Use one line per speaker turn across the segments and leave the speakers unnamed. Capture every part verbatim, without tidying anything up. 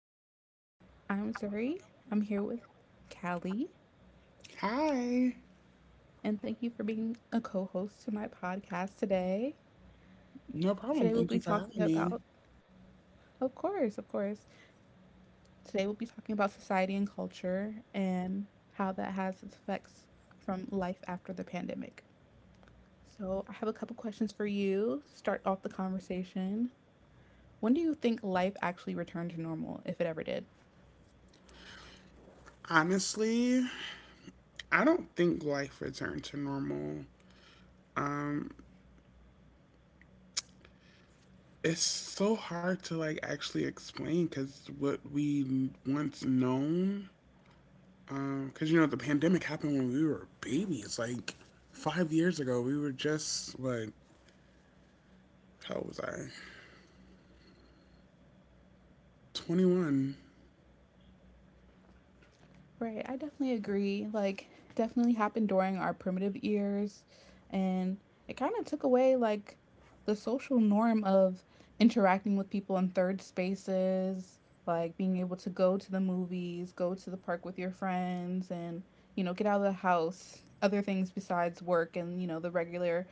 Okay, I'm Zuri. I'm here with Callie,
Hi.
and thank you for being a co host to my podcast today.
No problem.
Today, we'll
Thank you
be
for having
talking
me.
about, of course, of course, today we'll be talking about society and culture and how that has its effects from life after the pandemic. So, I have a couple questions for you to start off the conversation. When do you think life actually returned to normal, if it ever did?
Honestly, I don't think life returned to normal. It's so hard to like actually explain because what we once known, because you know the pandemic happened when we were babies, like five years ago. We were just like, how old was I? Twenty one.
Right, I definitely agree. Like, definitely happened during our primitive years, and it kind of took away like the social norm of interacting with people in third spaces, like being able to go to the movies, go to the park with your friends, and you know, get out of the house, other things besides work and you know, the regular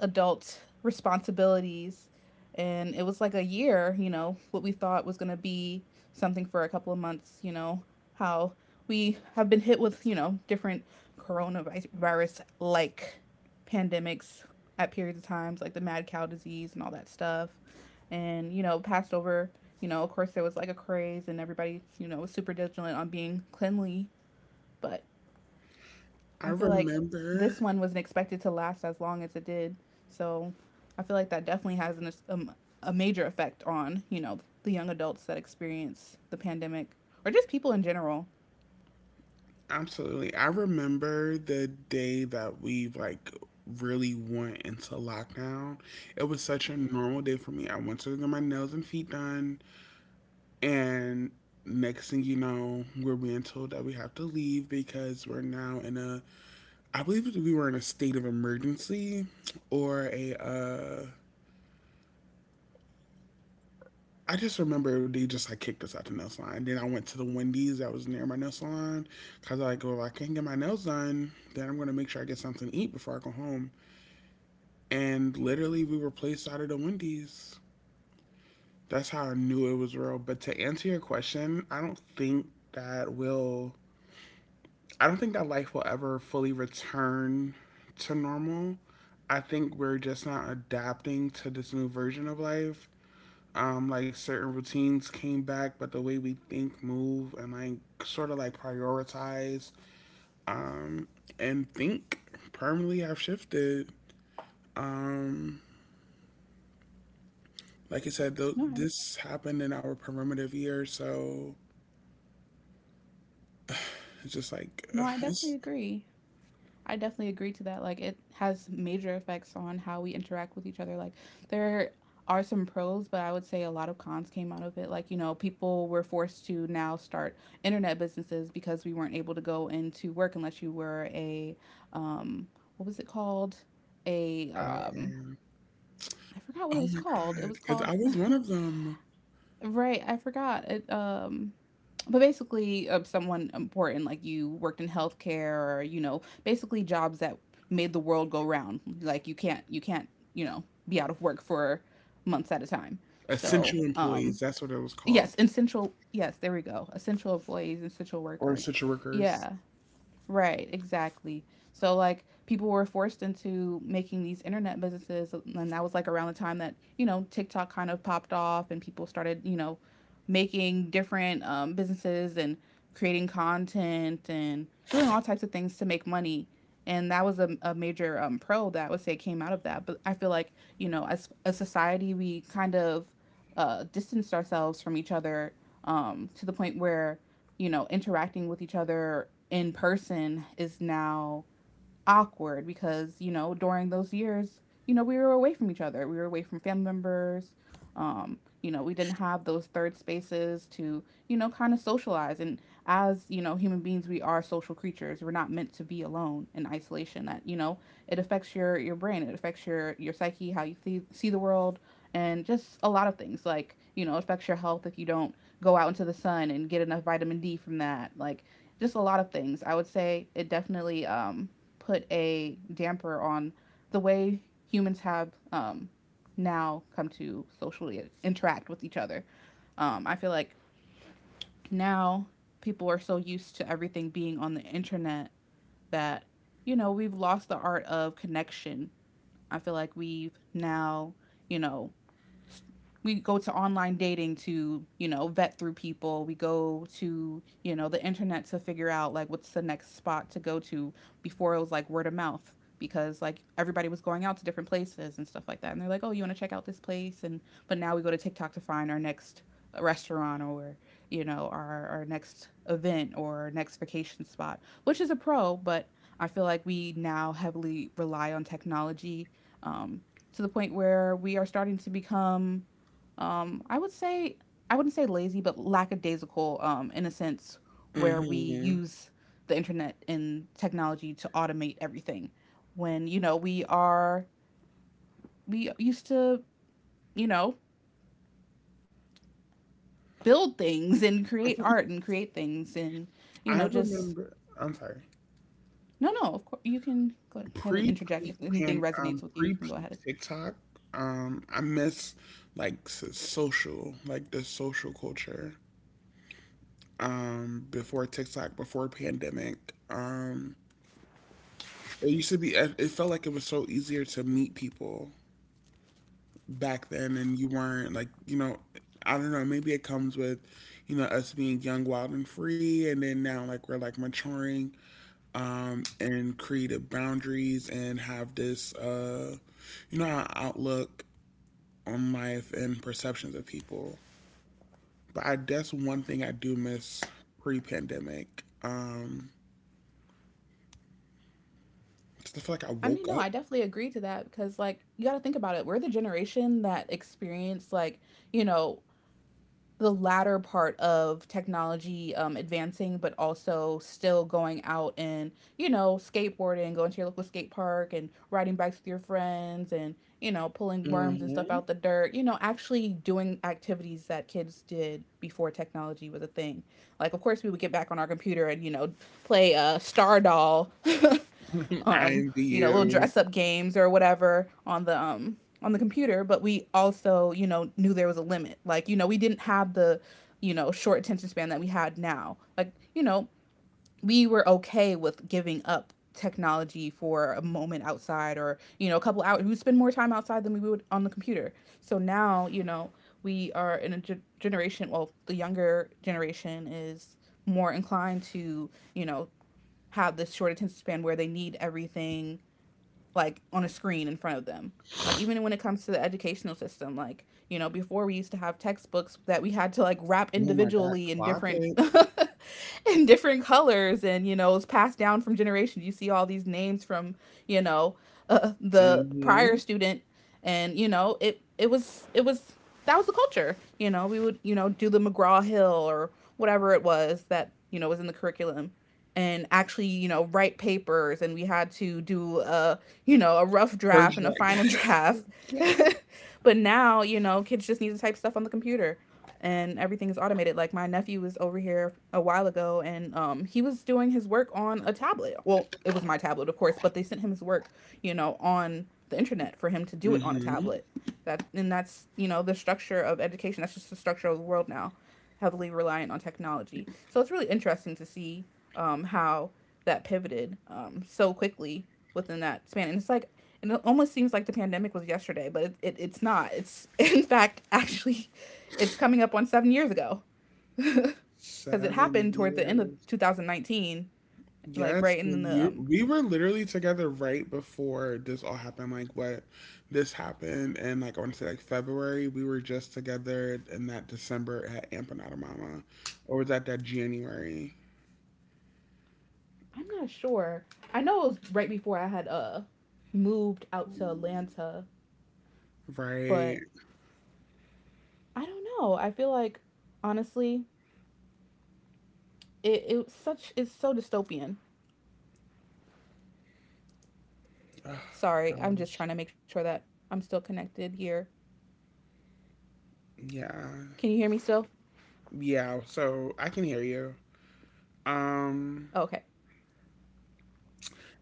adult responsibilities. And it was like a year, you know, what we thought was going to be something for a couple of months, you know, how we have been hit with, you know, different coronavirus like pandemics at periods of times, like the mad cow disease and all that stuff. And, you know, passed over, you know, of course there was like a craze and everybody, you know, was super vigilant on being cleanly. But
I
I feel like this
remember
one wasn't expected to last as long as it did. So I feel like that definitely has an, um, a major effect on, you know, the young adults that experience the pandemic or just people in general.
Absolutely. I remember the day that we like really went into lockdown. It was such a normal day for me. I went to get my nails and feet done and next thing you know, we're being told that we have to leave because we're now in a I believe we were in a state of emergency, or a uh I just remember they just like kicked us out the nail salon. Then I went to the Wendy's that was near my nail salon because I go, if I can't get my nails done, then I'm gonna make sure I get something to eat before I go home. And literally we were placed out of the Wendy's. That's how I knew it was real. But to answer your question, I don't think that will. I don't think that life will ever fully return to normal. I think we're just not adapting to this new version of life. Um, like certain routines came back, but the way we think, move, and like sort of like prioritize um, and think permanently have shifted. Um, Like I said, th-
No, I,
this happened in our performative year, so it's just like,
no,
ugh,
I definitely
it's,
agree. I definitely agree to that. Like, it has major effects on how we interact with each other. Like, there are some pros, but I would say a lot of cons came out of it. Like, you know, people were forced to now start internet businesses because we weren't able to go into work unless you were a, um, what was it called? A,
uh,
um,
um,
I forgot what it
oh
was
my
called. It
God.
was
Because I
called
was one of them.
Right, I forgot. It, um, but basically, uh, someone important like you worked in healthcare, or you know, basically jobs that made the world go round. Like you can't, you can't, you know, be out of work for months at a time. So,
Essential employees,
um,
that's what it was called,
yes, essential. Yes, there we go. Essential employees, essential
or
worker.
essential workers.
Yeah. Right, exactly. So like people were forced into making these internet businesses and that was like around the time that, you know, TikTok kind of popped off and people started, you know, making different um businesses and creating content and doing all types of things to make money. And that was a, a major um pro that I would say came out of that. But I feel like, you know, as a society we kind of uh distanced ourselves from each other um to the point where you know interacting with each other in person is now awkward because, you know, during those years, you know, we were away from each other. We were away from family members. Um, you know, we didn't have those third spaces to, you know, kind of socialize. And as, you know, human beings, we are social creatures. We're not meant to be alone in isolation. That, you know, it affects your your brain, it affects your your psyche, how you see, see the world, and just a lot of things. Like, you know, it affects your health if you don't go out into the sun and get enough vitamin D from that. Like, just a lot of things. I would say it definitely um put a damper on the way humans have um, now come to socially interact with each other. Um, I feel like now people are so used to everything being on the internet that, you know, we've lost the art of connection. I feel like we've now, you know, we go to online dating to, you know, vet through people. We go to, you know, the internet to figure out like what's the next spot to go to. Before it was like word of mouth because like everybody was going out to different places and stuff like that. And they're like, "Oh, you want to check out this place?" And but now we go to TikTok to find our next uh, restaurant or you know our, our next event or our next vacation spot, which is a pro. But I feel like we now heavily rely on technology, um, to the point where we are starting to become, um, I would say, I wouldn't say lazy, but lackadaisical, um, in a sense where we
Hmm.
use the internet and technology to automate everything. When, you know, we are, we used to, you know, build things and create art and create things and, you
I
know, just,
remember, I'm sorry.
no, no, of course, you can go ahead and
Pre
interject.
peak
If anything
pan, um,
resonates with you,
pre
you can go
peak
ahead.
TikTok. Um, I miss like s- social, like the social culture. Um, before TikTok, before pandemic. Um, It used to be. It felt like it was so easier to meet people back then, and you weren't like you know. I don't know. Maybe it comes with, you know, us being young, wild, and free, and then now like we're like maturing, um, and creative boundaries, and have this, uh, you know, outlook on life and perceptions of people. But I guess one thing I do miss pre-pandemic. Um, 'cause I feel like I
I
woke
mean, no,
up.
I definitely agree to that because, like, you got to think about it. We're the generation that experienced, like, you know, the latter part of technology um, advancing, but also still going out and, you know, skateboarding, going to your local skate park and riding bikes with your friends and, you know, pulling worms and stuff
Hmm.
out the dirt, you know, actually doing activities that kids did before technology was a thing. Like, of course, we would get back on our computer and, you know, play uh, Star Doll.
I
um,
envy
you know, little
you.
dress up games or whatever on the um on the computer, but we also, you know, knew there was a limit. Like, you know, we didn't have the, you know, short attention span that we had now. Like, you know, we were okay with giving up technology for a moment outside or, you know, a couple hours. We would spend more time outside than we would on the computer. So now, you know, we are in a ge- generation, well, the younger generation is more inclined to, you know, have this short attention span where they need everything like on a screen in front of them, like even when it comes to the educational system. Like you know before we used to have textbooks that we had to like wrap
Oh my God,
individually in
clock
different
it.
in different colors, and you know it's passed down from generation. You see all these names from you know uh, the prior
Mhm.
student, and you know it it was it was that was the culture. You know we would you know do the McGraw Hill or whatever it was that you know was in the curriculum, and actually you know write papers, and we had to do a you know, a rough draft
Search
and a
that.
final draft. But now, you know, kids just need to type stuff on the computer and everything is automated. Like my nephew was over here a while ago and um he was doing his work on a tablet. Well, it was my tablet, of course, but they sent him his work, you know, on the internet for him to do it on a
Mhm.
tablet. That and that's, you know, the structure of education. That's just the structure of the world now, heavily reliant on technology. So it's really interesting to see um, how that pivoted um, so quickly within that span. And it's like, and it almost seems like the pandemic was yesterday, but it, it, it's not. It's in fact actually, it's coming up on seven years ago because it
Seven
happened toward the end of
years.
twenty nineteen, like
Yes,
right
the
in the
year
um.
we were literally together right before this all happened. Like what This happened, and like I want to say like February, we were just together in that December at Empanada Mama, or was that that January?
I'm not sure. I know it was right before I had uh moved out to Atlanta,
Right.
but I don't know. I feel like honestly, It it's such it's so dystopian.
Oh,
Sorry, I'm just
gosh.
trying to make sure that I'm still connected here.
Yeah.
Can you hear me still?
Yeah. So I can hear you. Um,
Oh, okay.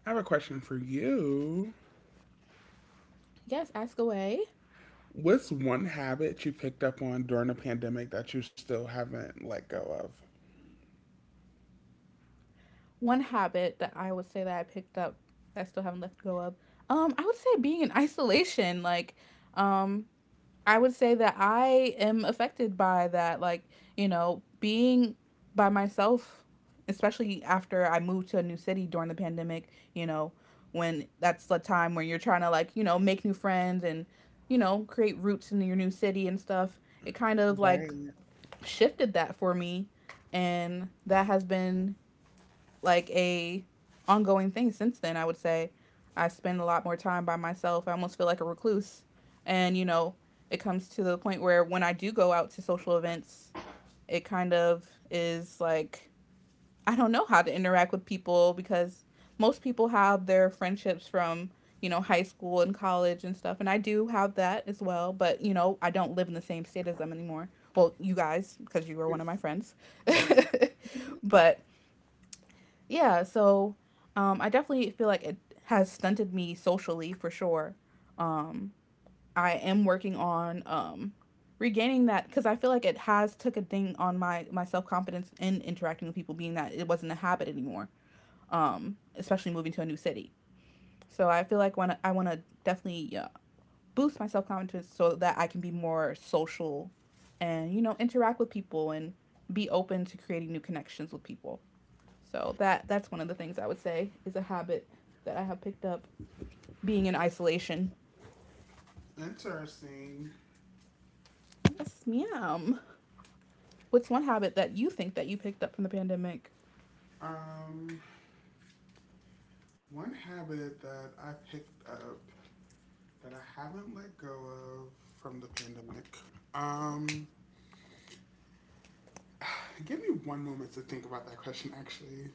I have a question for you.
Yes, ask away.
What's one habit you picked up on during the pandemic that you still haven't let go of?
One habit that I would say that I picked up that I still haven't let go of. Um, I would say being in isolation. Like, um, I would say that I am affected by that. Like, you know, being by myself, especially after I moved to a new city during the pandemic, you know, when that's the time where you're trying to, like, you know, make new friends and, you know, create roots in your new city and stuff. It kind of like
Right.
shifted that for me. And that has been like a ongoing thing since then. I would say I spend a lot more time by myself. I almost feel like a recluse, and you know, it comes to the point where when I do go out to social events, it kind of is like I don't know how to interact with people because most people have their friendships from you know high school and college and stuff, and I do have that as well, but you know I don't live in the same state as them anymore. Well, you guys, because you were one of my friends
Right.
but yeah, so um, I definitely feel like it has stunted me socially for sure. Um, I am working on um, regaining that because I feel like it has took a ding on my my self confidence in interacting with people, being that it wasn't a habit anymore. Um, especially moving to a new city. So I feel like when I want to definitely uh, boost my self confidence so that I can be more social and you know interact with people and be open to creating new connections with people. So that that's one of the things I would say is a habit that I have picked up being in isolation.
Interesting.
Yes, ma'am. What's one habit that you think that you picked up from the pandemic?
Um, One habit that I picked up that I haven't let go of from the pandemic. Um, Give me one moment to think about that question, actually.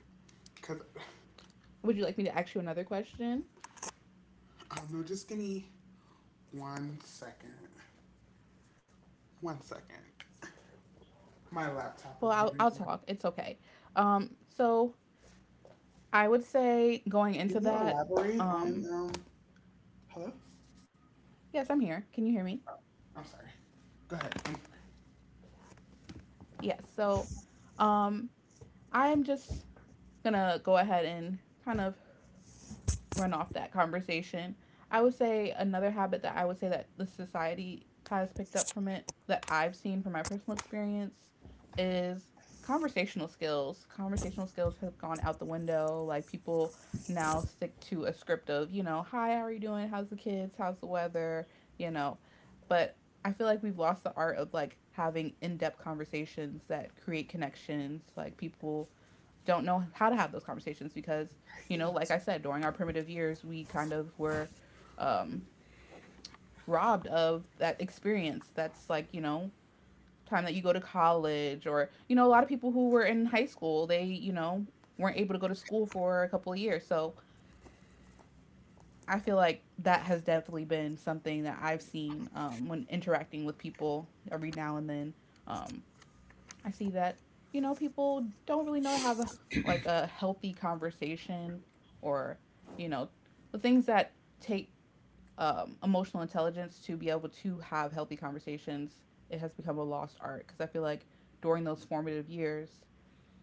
'Cause
Would you like me to ask you another question?
I don't know. Just give me one second. One second. My laptop is
Well, I'll
running.
I'll
Can
talk. It's okay. Um, so I would say going
you
into that,
elaborate on
um,
um? Hello.
yes, I'm here. Can you hear me?
I'm sorry. Go ahead.
Yes. So, um, I'm just gonna go ahead and kind of run off that conversation. I would say another habit that I would say that the society has picked up from it that I've seen from my personal experience is conversational skills. Conversational skills have gone out the window. Like, people now stick to a script of, you know, hi, how are you doing? How's the kids? How's the weather? You know, but I feel like we've lost the art of like having in depth conversations that create connections. Like, people don't know how to have those conversations because, you know, like I said, during our primitive years, we kind of were um, robbed of that experience. That's like, you know, time that you go to college, or, you know, a lot of people who were in high school, they, you know, weren't able to go to school for a couple of years. So I feel like that has definitely been something that I've seen um, when interacting with people every now and then. Um, I see that, you know, people don't really know how to have a, like a healthy conversation, or, you know, the things that take um, emotional intelligence to be able to have healthy conversations, it has become a lost art. Because I feel like during those formative years,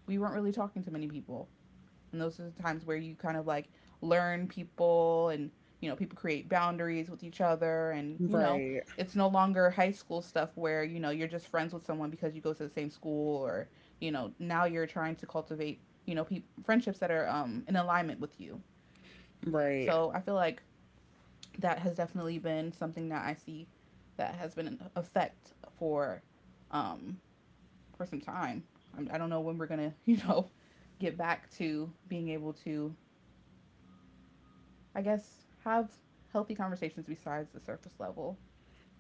we weren't really talking to many people. And those are the times where you kind of like learn people and, you know, people create boundaries with each other. And, you know,
Right,
it's no longer high school stuff where, you know, you're just friends with someone because you go to the same school, or, you know, now you're trying to cultivate, you know, pe friendships that are um, in alignment with you.
right.
So I feel like that has definitely been something that I see that has been an effect for um for some time. I'm, I do not know when we're gonna you know get back to being able to I guess have healthy conversations besides the surface level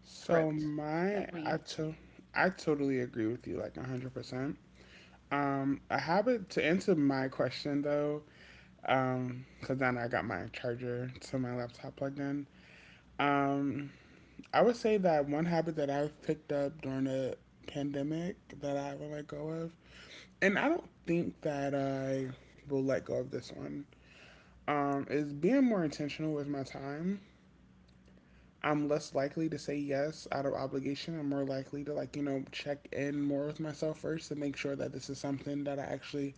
So
script
my,
that
I
we
to, I totally agree with you, like a hundred percent. Um, a habit to answer my question though, um, because then I got my charger to my laptop plugged in. Um, I would say that one habit that I've picked up during the pandemic that I will let go of, and I don't think that I will let go of this one, um, is being more intentional with my time. I'm less likely to say yes out of obligation. I'm more likely to like, you know, check in more with myself first to make sure that this is something that I actually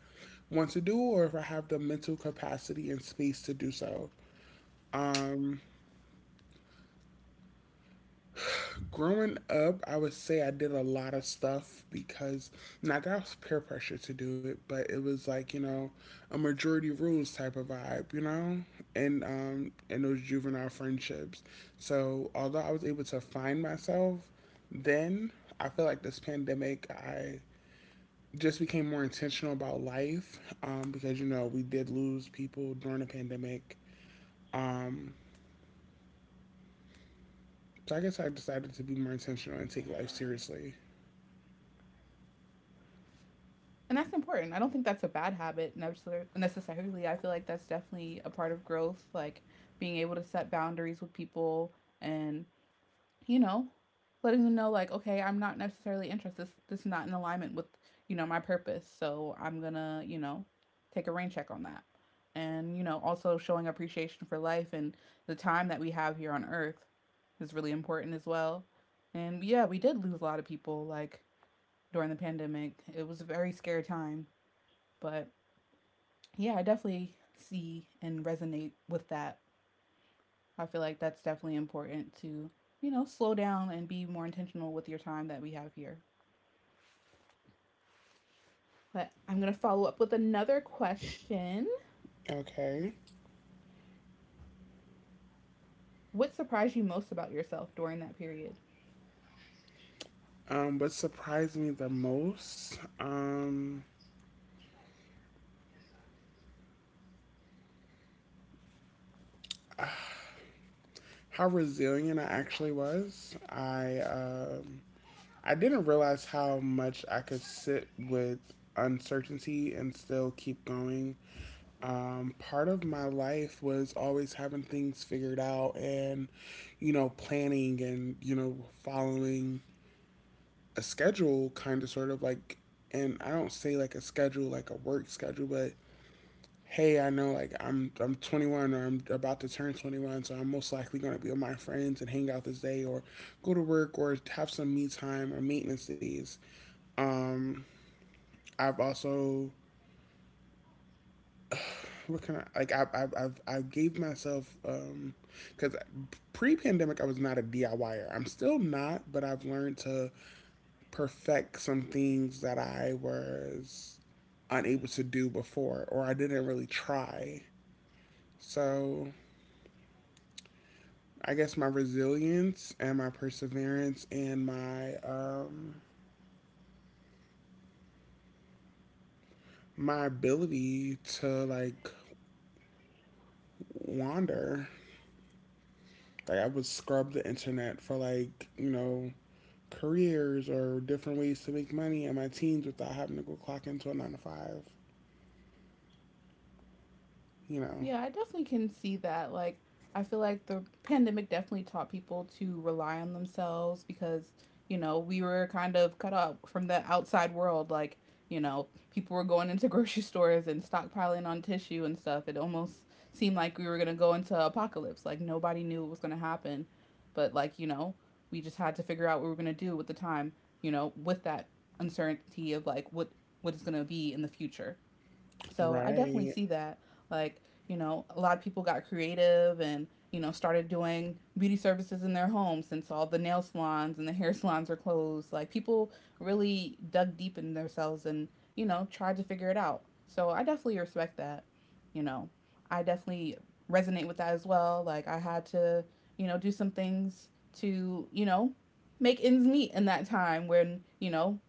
want to do or if I have the mental capacity and space to do so. Um Growing up, I would say I did a lot of stuff because not that I was peer pressure to do it, but it was like you know a majority rules type of vibe, you know, and um and those juvenile friendships. So although I was able to find myself then, I feel like this pandemic I just became more intentional about life, um, because you know we did lose people during the pandemic. Um, so I guess I decided to be more intentional and take life seriously.
and that's important. I don't think that's a bad habit necessarily. I feel like that's definitely a part of growth, like being able to set boundaries with people and, you know, letting them know like, okay, I'm not necessarily interested. This, this is not in alignment with, you know, my purpose. So I'm gonna, you know, take a rain check on that. And, you know, also showing appreciation for life and the time that we have here on earth is really important as well. And yeah, we did lose a lot of people like during the pandemic. It was a very scary time, but yeah, I definitely see and resonate with that. I feel like that's definitely important to, you know, slow down and be more intentional with your time that we have here. But I'm going to follow up with another question.
Okay.
What surprised you most about yourself during that period?
Um, what surprised me the most, um, how resilient I actually was. I um, I didn't realize how much I could sit with uncertainty and still keep going. Um, part of my life was always having things figured out and, you know, planning and, you know, following a schedule, kind of sort of like, and I don't say like a schedule, like a work schedule, but hey, I know like I'm I'm twenty-one or I'm about to turn twenty-one, so I'm most likely going to be with my friends and hang out this day or go to work or have some me time or maintenance days. Um, I've also what can I like I I I've, I gave myself um because pre-pandemic I was not a DIYer. I'm still not, but I've learned to perfect some things that I was unable to do before or I didn't really try. So I guess my resilience and my perseverance and my um my ability to like wander. Like I would scrub the internet for like, you know, careers or different ways to make money in my teens without having to go clock into a nine to five, you know.
Yeah, I definitely can see that. Like, I feel like the pandemic definitely taught people to rely on themselves because, you know, we were kind of cut off from the outside world. Like, you know, people were going into grocery stores and stockpiling on tissue and stuff. It almost seemed like we were going to go into apocalypse. Like, nobody knew what was going to happen. But, like, you know, we just had to figure out what we were going to do with the time, you know, with that uncertainty of like what what is going to be in the future. So I definitely
Right.
see that. Like, you know, a lot of people got creative and, you know, started doing beauty services in their homes since all the nail salons and the hair salons are closed. Like, people really dug deep in themselves and, you know, tried to figure it out. So I definitely respect that. You know, I definitely resonate with that as well. Like, I had to, you know, do some things to, you know, make ends meet in that time when, you know,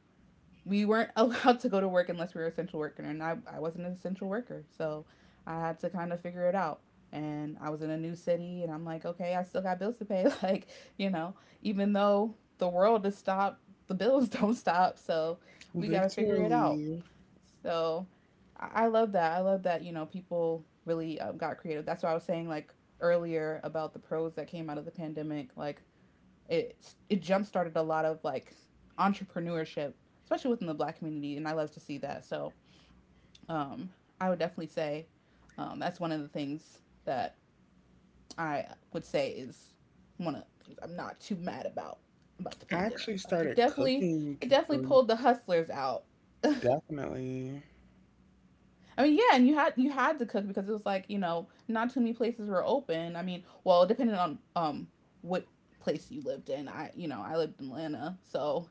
we weren't allowed to go to work unless we were essential worker, and I, I wasn't an essential worker, so I had to kind of figure it out, and I was in a new city, and I'm like, okay, I still got bills to pay like, you know, even though the world is stopped, the bills don't stop, so we got to figure it out.
Literally.
So I, I love that. I love that, you know, people really uh, got creative. That's why I was saying like earlier about the pros that came out of the pandemic, like it it jump started a lot of like entrepreneurship, especially within the black community, and I love to see that. So um, I would definitely say um, that's one of the things that I would say is one of the things I'm not too mad about about the
I
pandemic.
actually
Like, it
started
definitely
cooking
it definitely
during-
pulled the hustlers out.
definitely.
I mean, yeah, and you had you had to cook because it was like, you know, not too many places were open. I mean, well, depending on um what place you lived in. I, you know, I lived in Atlanta, so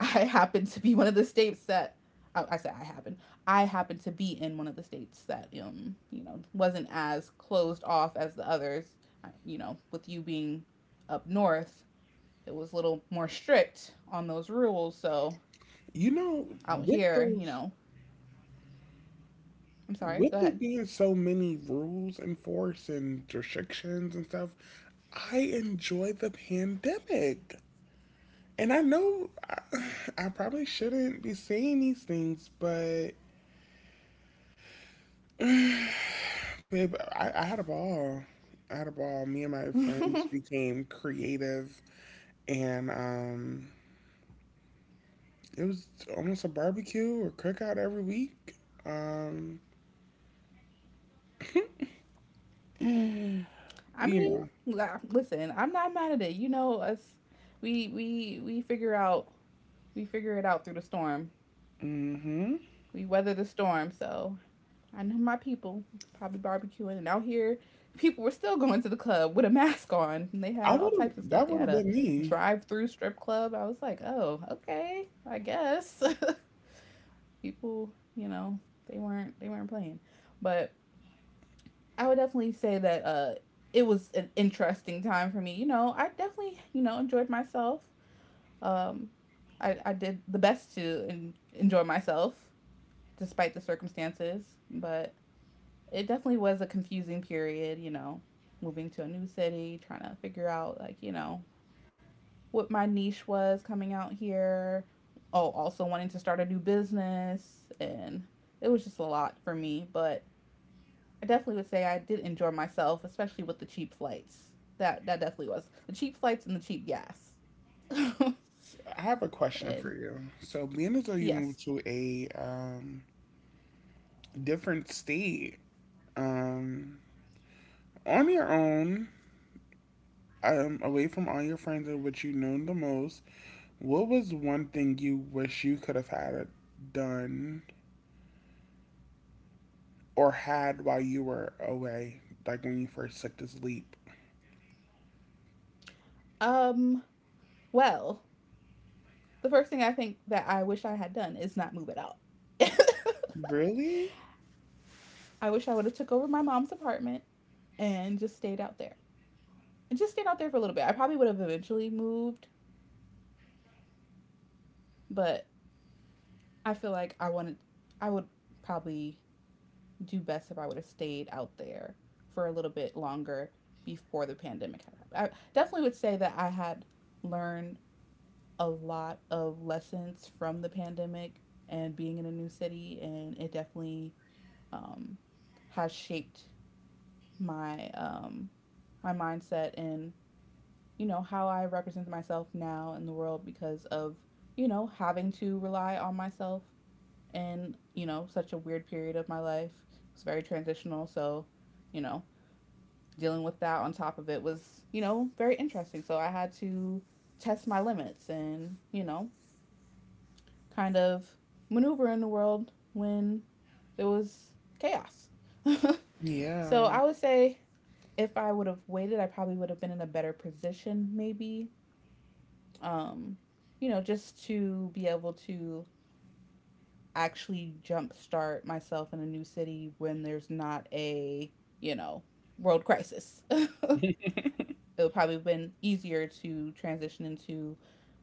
I happen to be one of the states that I, I say I happen. I happen to be in one of the states that um you know wasn't as closed off as the others. I- You know, with you being up north, it was a little more strict on those rules. So
You know,
out
with
here, you
those
know, I'm sorry.
with
Go
there
ahead.
being so many rules enforced and restrictions and stuff, I enjoy the pandemic. And I know I, I probably shouldn't be saying these things, but babe, I, I had a ball. I had a ball. Me and my friends became creative, and um, it was almost a barbecue or cookout every week. Um,
I
you
mean,
know,
listen, I'm not mad at it. You know, us we we we figure out we figure it out through the storm.
hmm
We weather the storm. So I know my people was probably barbecuing, and out here, people were still going to the club with a mask on, and they
I
had all
would
types of
have.
stuff.
That
They
would
had
have
a
been me.
drive-through strip club. I was like, oh, okay, I guess people, you know, they weren't they weren't playing, but I would definitely say that uh, it was an interesting time for me. You know, I definitely you know enjoyed myself. Um, I I did the best to en- enjoy myself despite the circumstances, but it definitely was a confusing period, you know, moving to a new city, trying to figure out like, you know, what my niche was coming out here. Oh, also wanting to start a new business, and it was just a lot for me, but I definitely would say I did enjoy myself, especially with the cheap flights. That that definitely was. The cheap flights and the cheap gas. and
I have a question for you. So, being as though you moved
yes.
to a um, different state, um, on your own, um, away from all your friends and which you know the most, what was one thing you wish you could have had it done or had while you were away, like when you first took this leap?
Um well, the first thing I think that I wish I had done is not move it out.
Really?
I wish I would have took over my mom's apartment and just stayed out there. And just stayed out there for a little bit. I probably would have eventually moved, but I feel like I wanted I would probably do best if I would have stayed out there for a little bit longer before the pandemic had happened. I definitely would say that I had learned a lot of lessons from the pandemic and being in a new city, and it definitely um, has shaped my um, my mindset and, you know, how I represent myself now in the world because of, you know, having to rely on myself in, you know, such a weird period of my life. It was very transitional. So, you know, dealing with that on top of it was, you know, very interesting. So I had to test my limits and, you know, kind of maneuver in the world when there was chaos. So
Yeah,
I would say if I would have waited, I probably would have been in a better position, maybe um, you know, just to be able to actually jumpstart myself in a new city when there's not a, you know, world crisis. It would probably have been easier to transition into,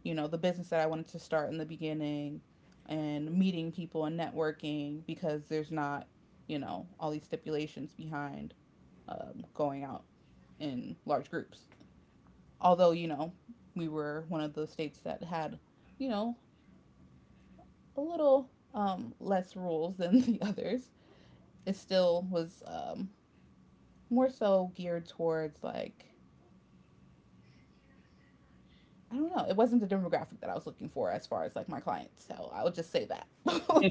you know, the business that I wanted to start in the beginning and meeting people and networking because there's not, you know, all these stipulations behind um, going out in large groups. Although, you know, we were one of the states that had, you know, a little um, less rules than the others. It still was um, more so geared towards like I don't know. It wasn't the demographic that I was looking for as far as like my clients. So I would just say that.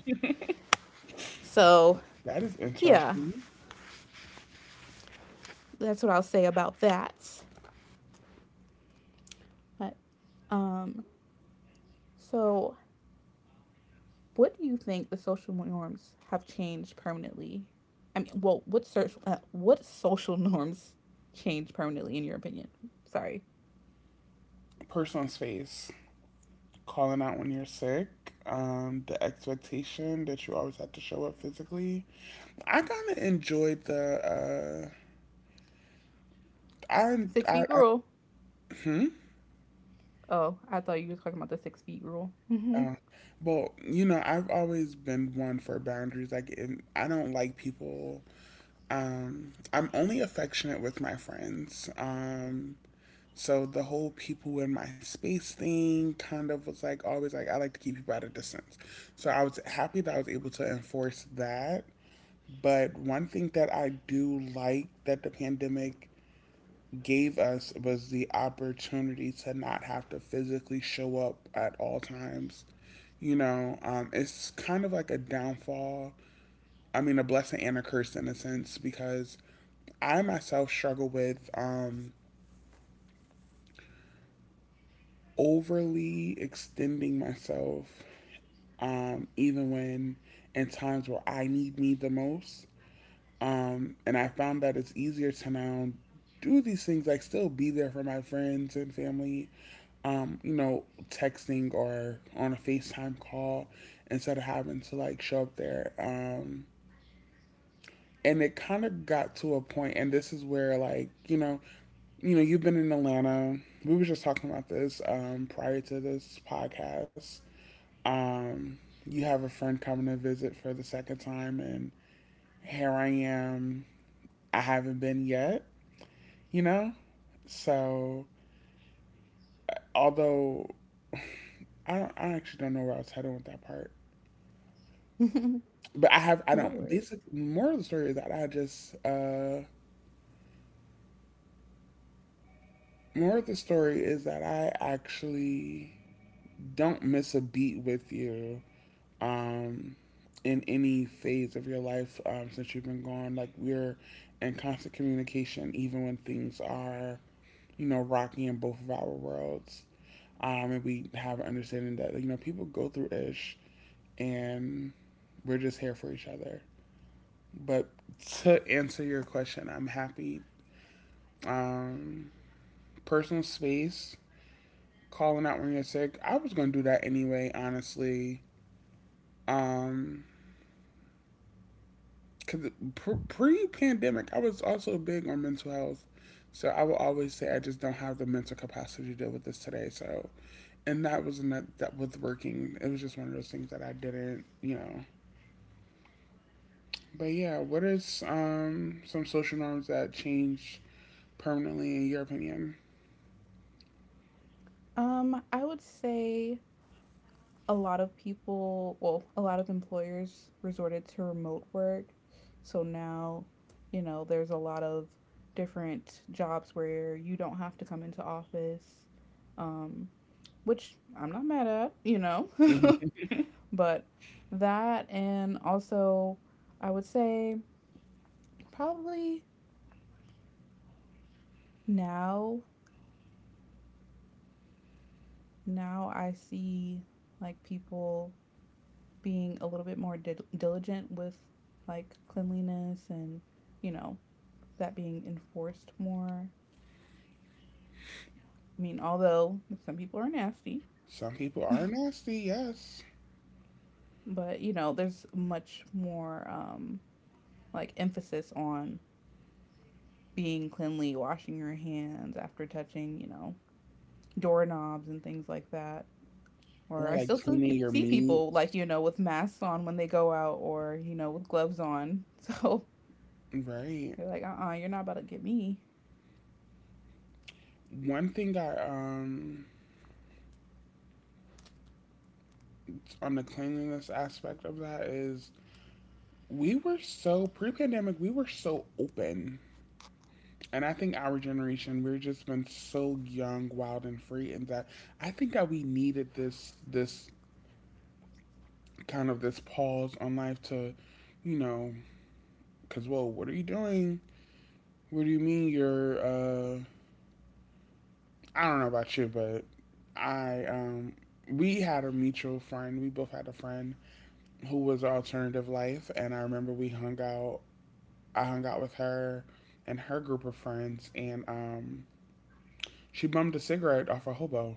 So
that is
yeah,
interesting.
that's what I'll say about that. But um, so what do you think the social norms have changed permanently? I mean, well, what search, uh, what social norms change permanently in your opinion? Sorry,
Personal space, calling out when you're sick, um, the expectation that you always had to show up physically. I kind of enjoyed the. Uh,
six
I, I,
feet
I
rule.
hmm.
Oh, I thought you were talking about the six feet rule. Hmm.
Uh, well, you know, I've always been one for boundaries. Like, in, I don't like people. Um, I'm only affectionate with my friends. Um, so the whole people in my space thing kind of was like always like I like to keep people at a distance. So I was happy that I was able to enforce that. But one thing that I do like that the pandemic gave us was the opportunity to not have to physically show up at all times. You know, um, it's kind of like a downfall. I mean, a blessing and a curse in a sense, because I myself struggle with um, overly extending myself, um, even when in times where I need me the most. Um, and I found that it's easier to now do these things, like still be there for my friends and family, um, you know, texting or on a FaceTime call instead of having to like show up there. Um, and it kind of got to a point, and this is where like you know, you know, you've been in Atlanta. We were just talking about this um, prior to this podcast. Um, you have a friend coming to visit for the second time, and here I am. I haven't been yet. You know? So, although I don't, I actually don't know where I was heading with that part,
No
but I have, I don't. Basic
worries.
moral of the story is that I just, uh, moral of the story is that I actually don't miss a beat with you, um, in any phase of your life, um, since you've been gone. Like we're in constant communication, even when things are, you know, rocky in both of our worlds. Um, and we have an understanding that you know people go through ish, and we're just here for each other. But to answer your question, I'm happy. Um, Personal space, calling out when you're sick. I was going to do that anyway, honestly. Um, because pre pandemic, I was also big on mental health. So I will always say I just don't have the mental capacity to deal with this today. So and that was not that was working. It was just one of those things that I didn't, you know. But yeah, what is um some social norms that change permanently in your opinion?
Um, I would say a lot of people, well, a lot of employers resorted to remote work. So now, you know, there's a lot of different jobs where you don't have to come into office, um, which I'm not mad at, you know, but that and also I would say probably now now I see like people being a little bit more dil- diligent with like cleanliness and you know that being enforced more. I mean, although some people are nasty,
Some people are nasty, yes.
but you know there's much more um, like emphasis on being cleanly, washing your hands after touching, you know, doorknobs and things like that. Or
Or
I
like
still
cleaning your
see
meat.
people like you know with masks on when they go out, or you know with gloves on. So
Right.
they're like, uh uh-uh, uh, you are not about to get me.
One thing I um on the cleanliness aspect of that is we were so pre-pandemic, we were so open. And I think our generation, we've just been so young, wild and free and that I think that we needed this this kind of this pause on life to, you know, cuz whoa, what are you doing? What do you mean you're uh I don't know about you, but I um we had a mutual friend. We both had a friend who was alternative life, and I remember we hung out. I hung out with her and her group of friends, and um, she bummed a cigarette off a hobo.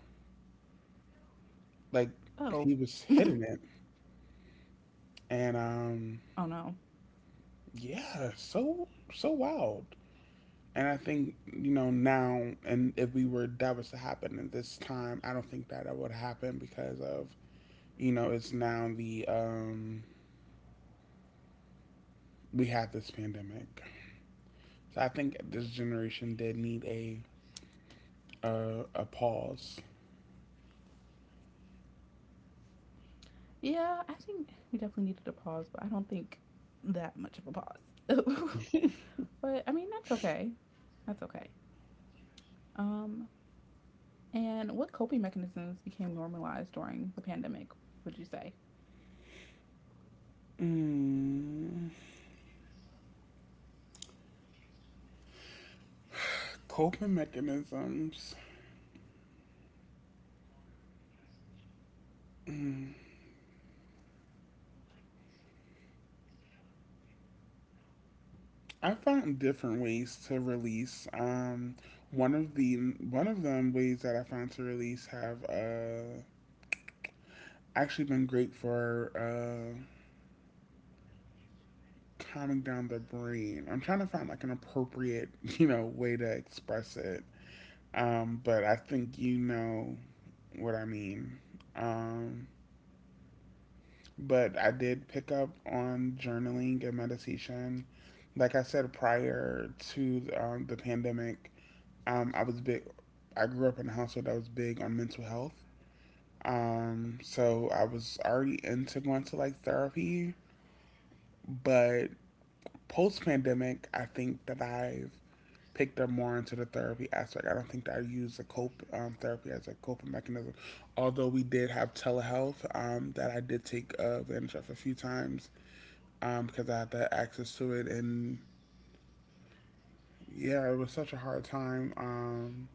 Like
Oh,
he was hitting it, and um,
oh no.
yeah, so so wild. And I think you know now, and if we were that was to happen at this time, I don't think that that would happen because of you know it's now the um we had this pandemic. So I think this generation did need a a, a pause.
Yeah, I think we definitely needed a pause, but I don't think that much of a pause. But I mean, that's okay. That's okay. Um, and what coping mechanisms became normalized during the pandemic, would you say?
Mm, coping mechanisms. Mm, I found different ways to release. Um, one of the one of them ways that I found to release have uh, actually been great for uh, calming down the brain. I'm trying to find like an appropriate you know way to express it. Um, but I think you know what I mean. Um, but I did pick up on journaling and meditation. Like I said prior to um, the pandemic, um, I was big. I grew up in a household that was big on mental health. Um, so I was already into going to like therapy, but post pandemic, I think that I've picked up more into the therapy aspect. I don't think that I use the cope um, therapy as a coping mechanism. Although we did have telehealth um, that I did take advantage of a few times um, because I had that access to it. And yeah, it was such a hard time. Um,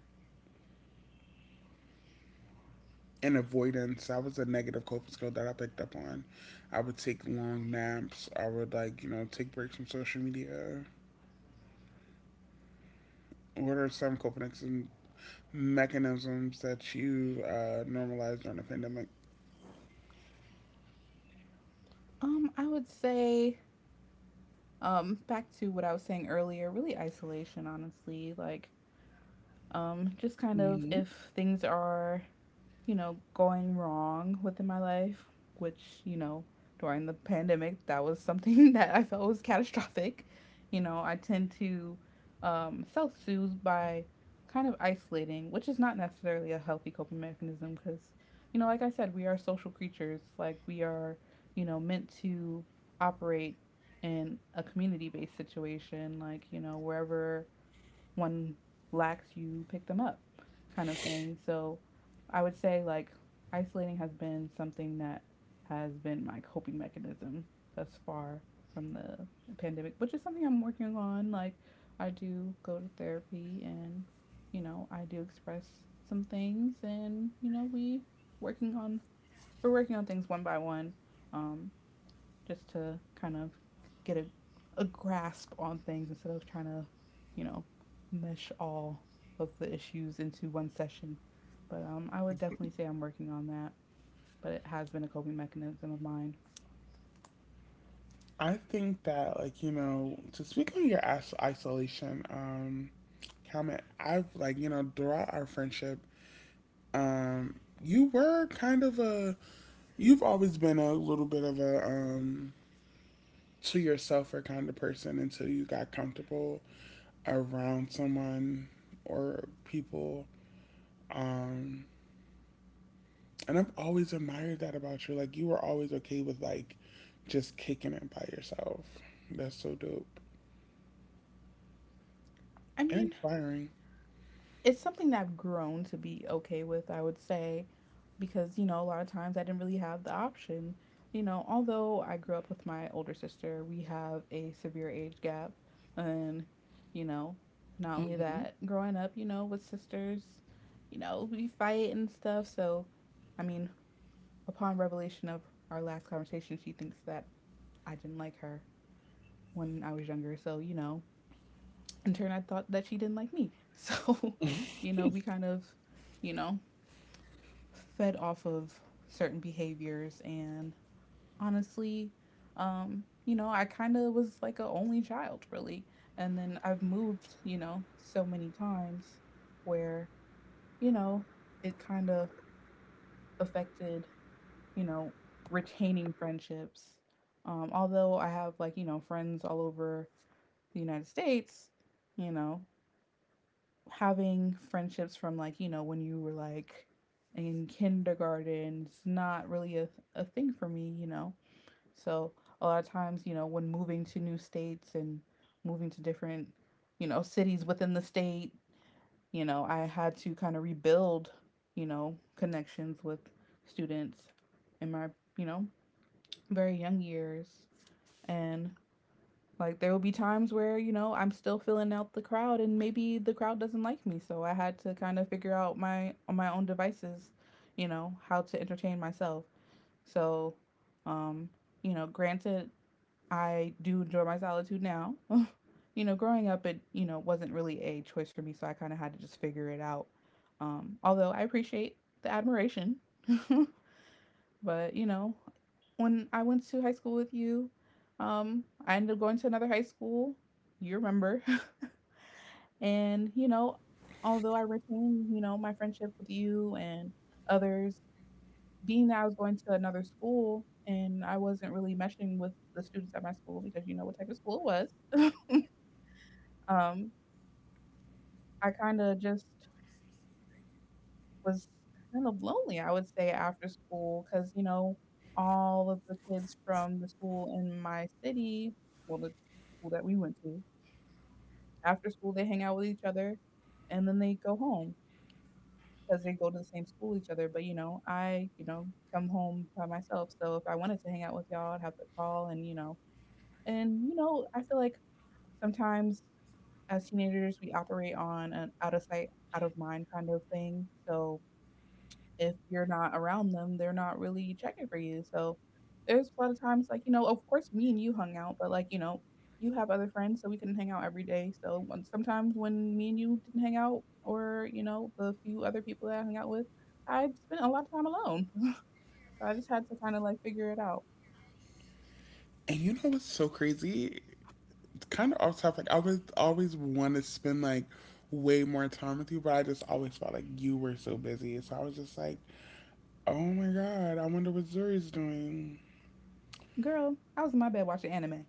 and avoidance, that was a negative coping skill that I picked up on. I would take long naps. I would like you know take breaks from social media. What are some coping mechanisms that you uh, normalized during the pandemic?
Um, I would say, um, back to what I was saying earlier, really isolation, honestly. Like, um, just kind of
hmm
if things are you know, going wrong within my life, which, you know, during the pandemic, that was something that I felt was catastrophic. You know, I tend to um, self soothe by kind of isolating, which is not necessarily a healthy coping mechanism because, you know, like I said, we are social creatures. Like, we are, you know, meant to operate in a community based situation, like, you know, wherever one lacks, you pick them up, kind of thing. So I would say like isolating has been something that has been my coping mechanism thus far from the pandemic, which is something I'm working on. Like I do go to therapy and you know, I do express some things and you know, we working on we're working on things one by one. Um just to kind of get a, a grasp on things instead of trying to, you know, mesh all of the issues into one session. But um, I would definitely say I'm working on that. But it has been a coping mechanism of mine.
I think that, like, you know, to speak on your as- isolation um, comment, I've, like, you know, throughout our friendship, um, you were kind of a You've always been a little bit of a um, to yourselfer kind of person until you got comfortable around someone or people. Um, and I've always admired that about you. Like you were always okay with like just kicking it by yourself. That's so dope
I
and
mean,
inspiring.
it's something that I've grown to be okay with, I would say. Because, you know, a lot of times I didn't really have the option. You know, although I grew up with my older sister, we have a severe age gap. And, you know, not only that, growing up, you know, with sisters, you know, we fight and stuff. So, I mean, upon revelation of our last conversation, she thinks that I didn't like her when I was younger. So, you know, in turn, I thought that she didn't like me. So, you know, we kind of, you know, fed off of certain behaviors and honestly. Um, you know, I kind of was like a only child, really. And then I've moved, you know, so many times where, you know, it kind of affected, you know, retaining friendships. Um, although I have like, you know, friends all over the United States, you know, having friendships from like, you know, when you were like in kindergarten, it's not really a, a thing for me, you know. So a lot of times, you know, when moving to new states and moving to different, you know, cities within the state, you know, I had to kind of rebuild, you know, connections with students in my, you know, very young years. And like there will be times where, you know, I'm still filling out the crowd and maybe the crowd doesn't like me. So I had to kind of figure out my on my own devices, you know, how to entertain myself. So um, you know, granted I do enjoy my solitude now. You know, growing up, it you know wasn't really a choice for me, so I kind of had to just figure it out. Um, although I appreciate the admiration, but you know, when I went to high school with you, um, I ended up going to another high school. You remember, and you know, although I retained you know my friendship with you and others, being that I was going to another school and I wasn't really meshing with the students at my school because you know what type of school it was. Um, I kind of just was kind of lonely, I would say, after school because, you know, all of the kids from the school in my city, well, the school that we went to, after school they hang out with each other and then they go home because they go to the same school each other. But, you know, I, you know, come home by myself. So if I wanted to hang out with y'all, I'd have to call and, you know, and, you know, I feel like sometimes as teenagers, we operate on an out of sight, out of mind kind of thing. So if you're not around them, they're not really checking for you. So there's a lot of times like, you know, of course me and you hung out, but like, you know, you have other friends, so we couldn't hang out every day. So when, sometimes when me and you didn't hang out or, you know, the few other people that I hung out with, I spent a lot of time alone. So I just had to kind of like figure it out.
And you know what's so crazy? Kind of off topic. I was always want to spend like way more time with you, but I just always felt like you were so busy. So I was just like, oh my god, I wonder what Zuri's doing.
Girl, I was in my bed watching anime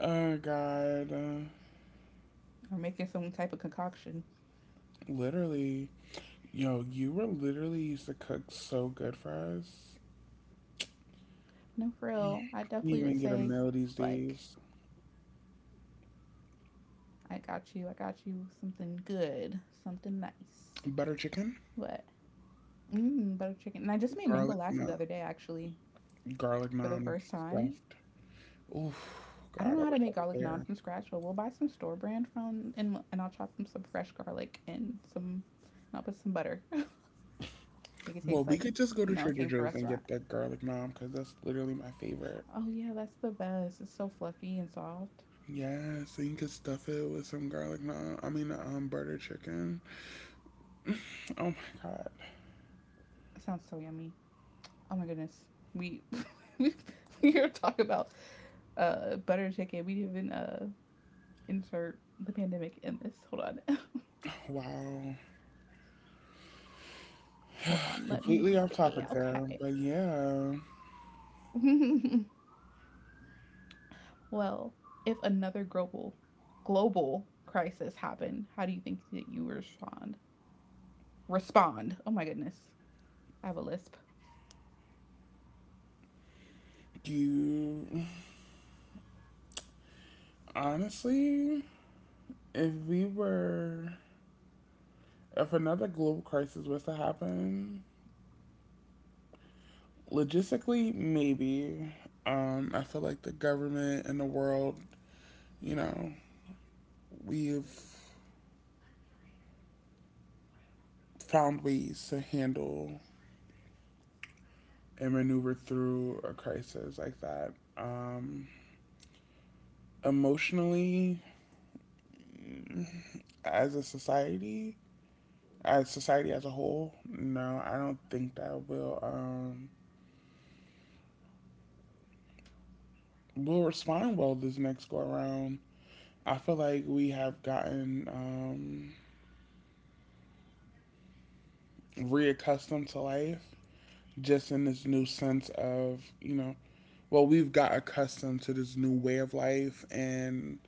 Oh god. Uh,
or making some type of concoction.
literally. Yo, you were literally used to cook so good for us.
No, for real. I
Can't
definitely would
even get a
say,
meal these
like,
days.
I got you, I got you something good, something nice.
Butter chicken,
But mmm, butter chicken. And I just made mango
garlic,
lassi the
no,
other day, actually,
garlic
for the
naan
first time.
stuffed. Oof,
I don't
god,
know
I
how to
wish I
make
was
garlic naan
there.
from scratch, but we'll buy some store brand from and and I'll chop them some fresh garlic and some and I'll put some butter. Make it
Well,
taste
we
like,
could just go
you
to
know, it
Trader
came from a
Joe's and
restaurant.
get that garlic naan because that's literally my favorite.
Oh yeah, that's the best. It's so fluffy and soft.
Yeah, so you can stuff it with some garlic naan. I mean, um, butter chicken. Oh my God,
It sounds so yummy. Oh my goodness. We we we here talking about uh butter chicken. We didn't even uh insert the pandemic in this. Hold on.
wow.
Hold on. Let me
Completely off
see.
topic there,
Okay.
but yeah,
Well, if another global global crisis happened, how do you think that you respond? Respond. Oh my goodness. I have a lisp.
you honestly, if we were, if another global crisis was to happen, logistically, maybe. Um, I feel like the government and the world, you know, we've found ways to handle and maneuver through a crisis like that. Um, emotionally, as a society, as society as a whole, no, I don't think that will um, will respond well this next go around. I feel like we have gotten um, reaccustomed to life just in this new sense of, you know, well, we've got accustomed to this new way of life, and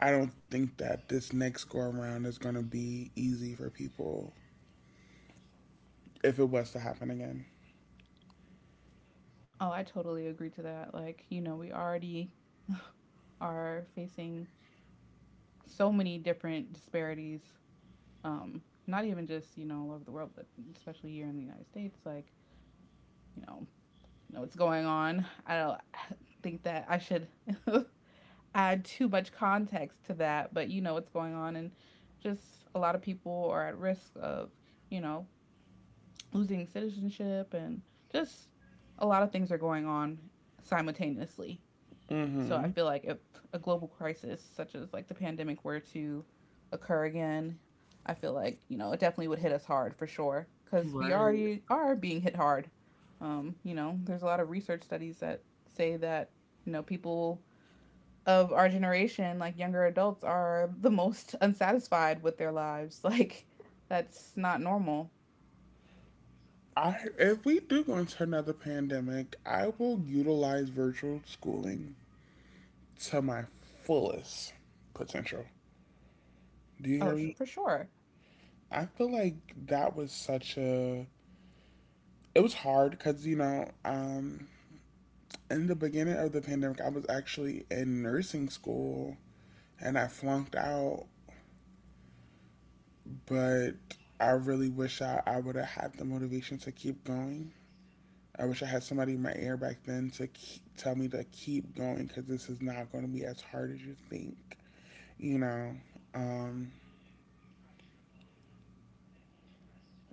I don't think that this next go around is going to be easy for people if it was to happen again.
Oh, I totally agree to that. Like, you know, we already are facing so many different disparities um not even just, you know, all over the world, but especially here in the United States like, you know, you know what's going on. I don't think that I should add too much context to that, but you know what's going on, and just a lot of people are at risk of, you know, losing citizenship, and just a lot of things are going on simultaneously. So I
Mm-hmm.
feel like if a global crisis such as like the pandemic were to occur again, I feel like you know it definitely would hit us hard for sure because we
Right.
already are being hit hard. Um, you know, there's a lot of research studies that say that you know people of our generation, like younger adults, are the most unsatisfied with their lives. Like, that's not normal.
I if we do go into another pandemic, I will utilize virtual schooling to my fullest potential. Do you
Oh,
hear
su-
me?
for sure.
I feel like that was such a. It was hard because, you know, um, in the beginning of the pandemic, I was actually in nursing school and I flunked out, but I really wish I, I would have had the motivation to keep going. I wish I had somebody in my ear back then to keep, tell me to keep going because this is not going to be as hard as you think, you know. Um,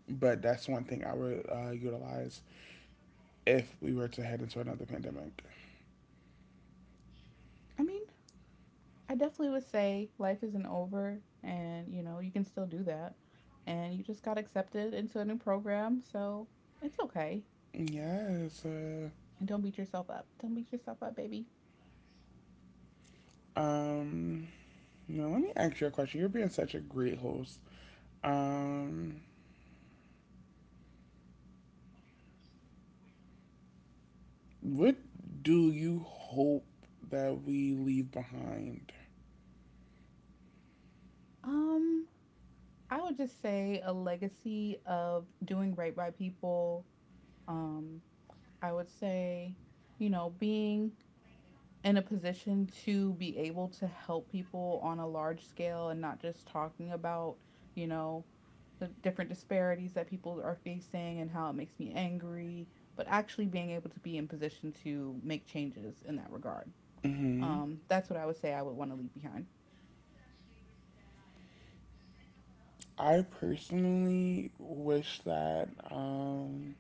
but that's one thing I would uh, utilize if we were to head into another pandemic.
I mean, I definitely would say life isn't over and, you know, you can still do that. And you just got accepted into a new program, so it's okay.
Yes. Uh,
And don't beat yourself up. Don't beat yourself up, baby.
um, now let me ask you a question. You're being such a great host. Um, what do you hope that we leave behind?
Um, I would just say a legacy of doing right by people. Um, I would say, you know, being in a position to be able to help people on a large scale and not just talking about, you know, the different disparities that people are facing and how it makes me angry, but actually being able to be in position to make changes in that regard.
hmm
Um, that's what I would say I would want to leave behind.
I personally wish that um,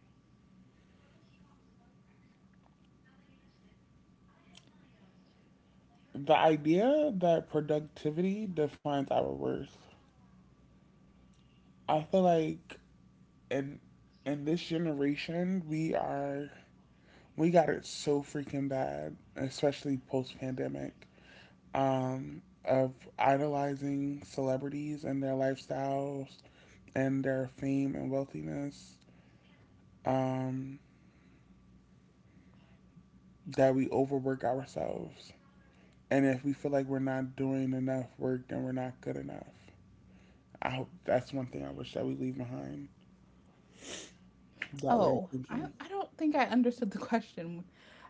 the idea that productivity defines our worth. I feel like in in this generation we are We got it so freaking bad, especially post pandemic, um, of idolizing celebrities and their lifestyles and their fame and wealthiness um, that we overwork ourselves. And if we feel like we're not doing enough work, then we're not good enough. I hope that's one thing I wish that we leave behind that way of
Oh, I,
thinking.
I don't think I understood the question.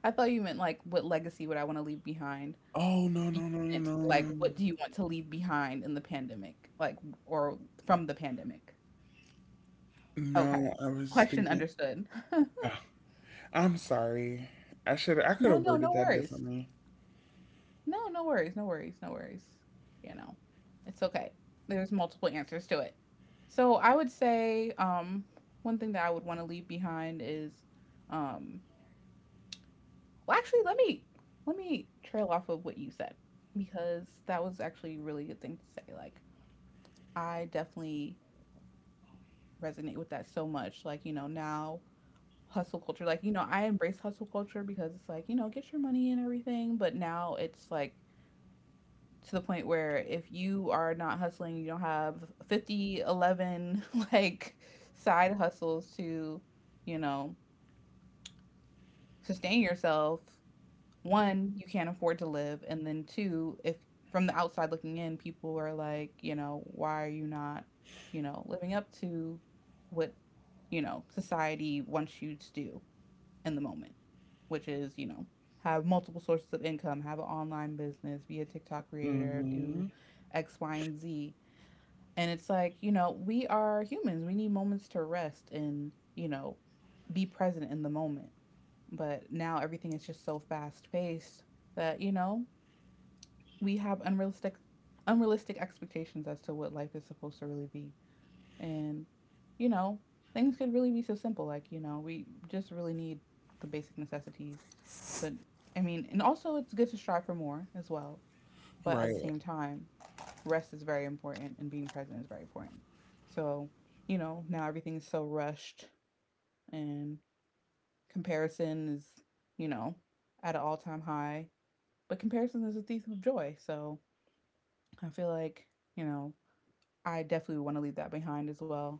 I thought you meant like what legacy would I want to leave behind?
Oh, no,
You
no, no, no,
meant
no,
like
no.
what do you want to leave behind in the pandemic? Like or from the pandemic.
No,
Okay.
I was just
Question
thinking.
understood.
Ugh, I'm sorry. I should I could
No,
have
no,
worded
no
that
worries.
differently.
No, no worries, no worries, no worries. You know, it's okay. There's multiple answers to it. So I would say um one thing that I would want to leave behind is um well actually let me let me trail off of what you said because that was actually a really good thing to say. Like I definitely resonate with that so much. Like, you know, now hustle culture, like, you know, I embrace hustle culture because it's like, you know, get your money and everything, but now it's like to the point where if you are not hustling, you don't have fifty eleven like side hustles to, you know, sustain yourself. One, you can't afford to live. And then two, if from the outside looking in, people are like, you know, why are you not, you know, living up to what, you know, society wants you to do? In the moment, which is, you know, have multiple sources of income, have an online business, be a TikTok creator,
hmm
do X, Y, and Z. And it's like, you know, we are humans. We need moments to rest and, you know, be present in the moment. But now everything is just so fast paced that, you know, we have unrealistic unrealistic expectations as to what life is supposed to really be. And, you know, things could really be so simple. Like, you know, we just really need the basic necessities. But, I mean, and also it's good to strive for more as well. But at the
Right.
same time, rest is very important and being present is very important. So, you know, now everything is so rushed and comparison is, you know, at an all time high. But comparison is a thief of joy. So I feel like, you know, I definitely want to leave that behind as well.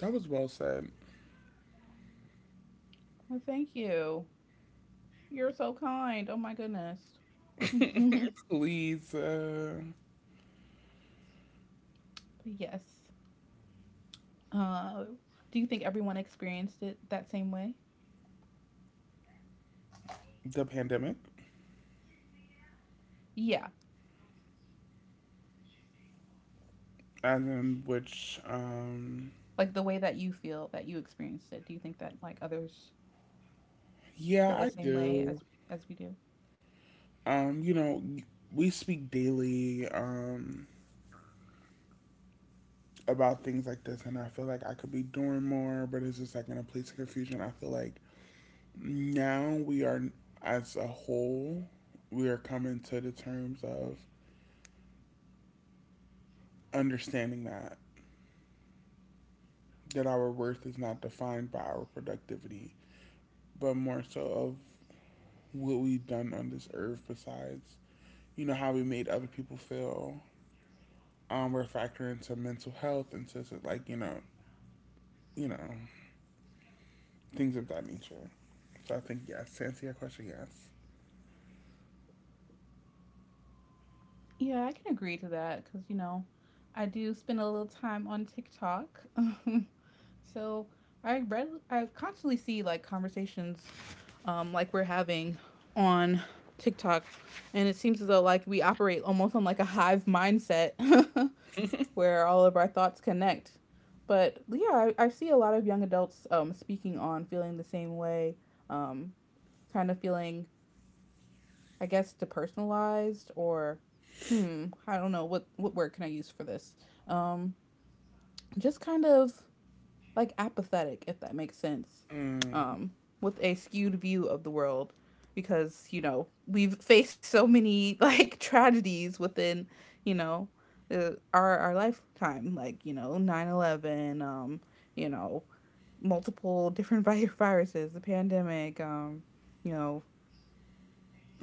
That was well said.
Well, thank you. You're so kind. Oh my goodness.
Leads uh,
But yes. Uh, do you think everyone experienced it that same way?
the pandemic,
Yeah.
as in which, um,
Like the way that you feel that you experienced it. Do you think that like others
yeah,
feel the
I
same way
do.
as as we do?
Um, you know, we speak daily um, about things like this, and I feel like I could be doing more, but it's just like in a place of confusion. I feel like now we are, as a whole, we are coming to the terms of understanding that that our worth is not defined by our productivity, but more so of what we've done on this earth besides, you know, how we made other people feel. Um, we're factoring into mental health, and to like, you know, you know, things of that nature. So I think yes. To answer your question, yes.
Yeah, I can agree to that because you know, I do spend a little time on TikTok. So I read I constantly see like conversations um, like we're having on TikTok. And it seems as though like we operate almost on like a hive mindset where all of our thoughts connect. But yeah, I, I see a lot of young adults um, speaking on feeling the same way, um, kind of feeling, I guess, depersonalized or, hmm, I don't know, what, what word can I use for this? Um, just kind of like apathetic, if that makes sense,
Mm.
um, with a skewed view of the world because, you know, we've faced so many like tragedies within, you know, the, our, our lifetime, like, you know, nine eleven, um, you know, multiple different vi- viruses, the pandemic, um, you know,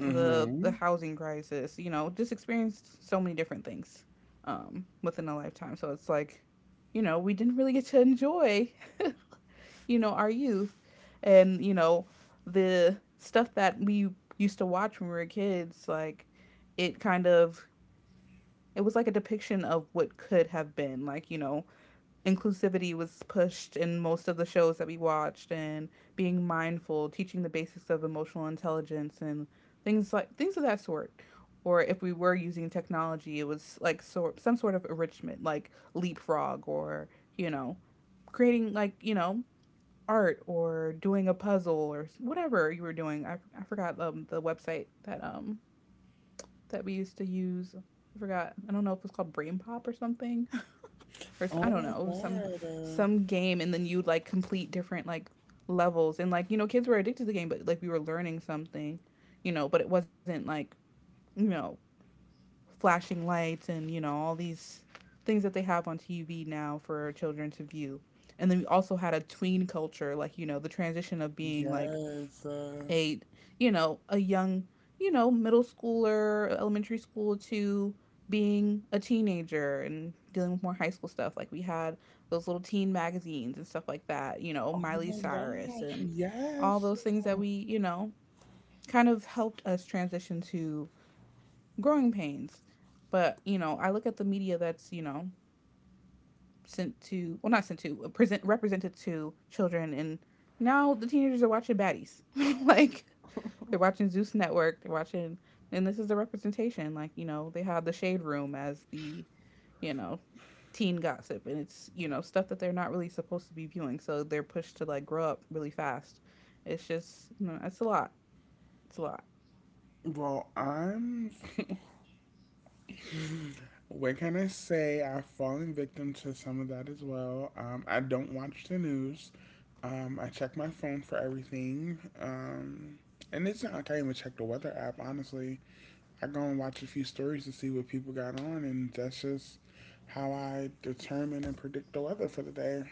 the the housing crisis, you know, just experienced so many different things um within a lifetime. So it's like, you know, we didn't really get to enjoy you know, our youth and, you know, the stuff that we used to watch when we were kids, like it kind of it was like a depiction of what could have been. Like, you know, inclusivity was pushed in most of the shows that we watched and being mindful, teaching the basics of emotional intelligence and things like things of that sort. Or if we were using technology, it was like sort some sort of enrichment, like leapfrog or, you know, creating like, you know, art or doing a puzzle or whatever you were doing. I I forgot um the website that um that we used to use. I forgot. I don't know if it was called Brain Pop or something. Or I I
Oh
don't
my
know, it was some
god. Uh,
some game and then you like complete different like levels and like you know kids were addicted to the game but like we were learning something, you know, but it wasn't like, you know, flashing lights and you know all these things that they have on T V now for children to view. And then we also had a tween culture like you know the transition of being like
yes. Uh,
a you know a young you know middle schooler elementary school to being a teenager and dealing with more high school stuff like we had those little teen magazines and stuff like that you know
oh
Miley
my
Cyrus
gosh.
and all
Yes.
those things that we you know kind of helped us transition to growing pains but you know I look at the media that's you know sent to well not sent to present represented to children and now the teenagers are watching baddies like they're watching Zeus Network. They're watching, and this is the representation. Like you know, they have the Shade Room as the, you know, teen gossip, and it's you know stuff that they're not really supposed to be viewing. So they're pushed to like grow up really fast. It's just you know, it's a lot. It's a lot.
Well, I'm what can I say? I've fallen victim to some of that as well. Um, I don't watch the news. Um, I check my phone for everything. Um, and it's not like I even check the weather app, honestly. I go and watch a few stories to see what people got on, and that's just how I determine and predict the weather for the day.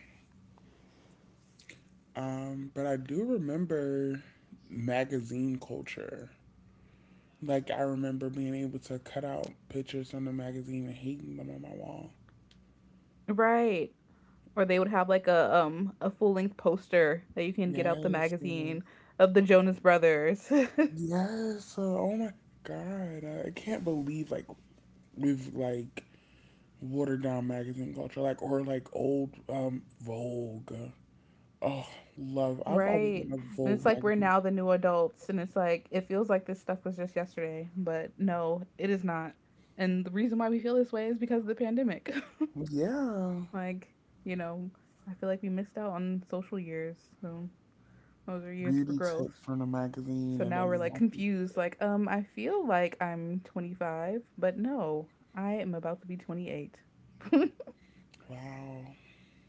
Um, but I do remember magazine culture. Like, I remember being able to cut out pictures on the magazine and hating them on my wall.
Right. Or they would have like a um a full length poster that you can get out the
Yes, yeah.
magazine of the Jonas Brothers.
Yes. Uh, oh my god. I, I can't believe like we've like watered down magazine culture, like or like old um Vogue. Oh, love. I've always
Right.
been a
And it's
Vogue
like we're
magazine.
now the new adults and it's like it feels like this stuff was just yesterday, but no, it is not. And the reason why we feel this way is because of the pandemic.
Yeah.
Like, you know, I feel like we missed out on social years. So those are years for
Beauty
growth.
tips from the magazine
So
and
now we're
then
like
fashion
confused
tips.
like um I feel like I'm twenty-five, but no, I am about to be twenty-eight.
Wow.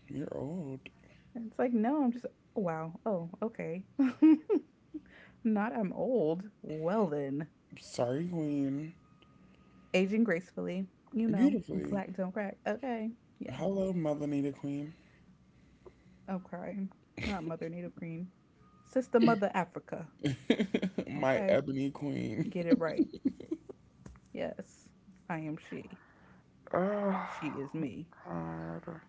You're old.
It's like no, I'm just oh, wow. Oh, okay. Not I'm old. Well then.
Sorry, Queen.
Aging gracefully, you know,
Beautifully.
black don't crack. Okay, yeah,
Hello, Melanita Queen.
I'm crying. Not Mother Native Green, Sister Mother Africa.
My
Okay,
ebony queen.
get it right. Yes, I am she.
Oh,
She is me.
God.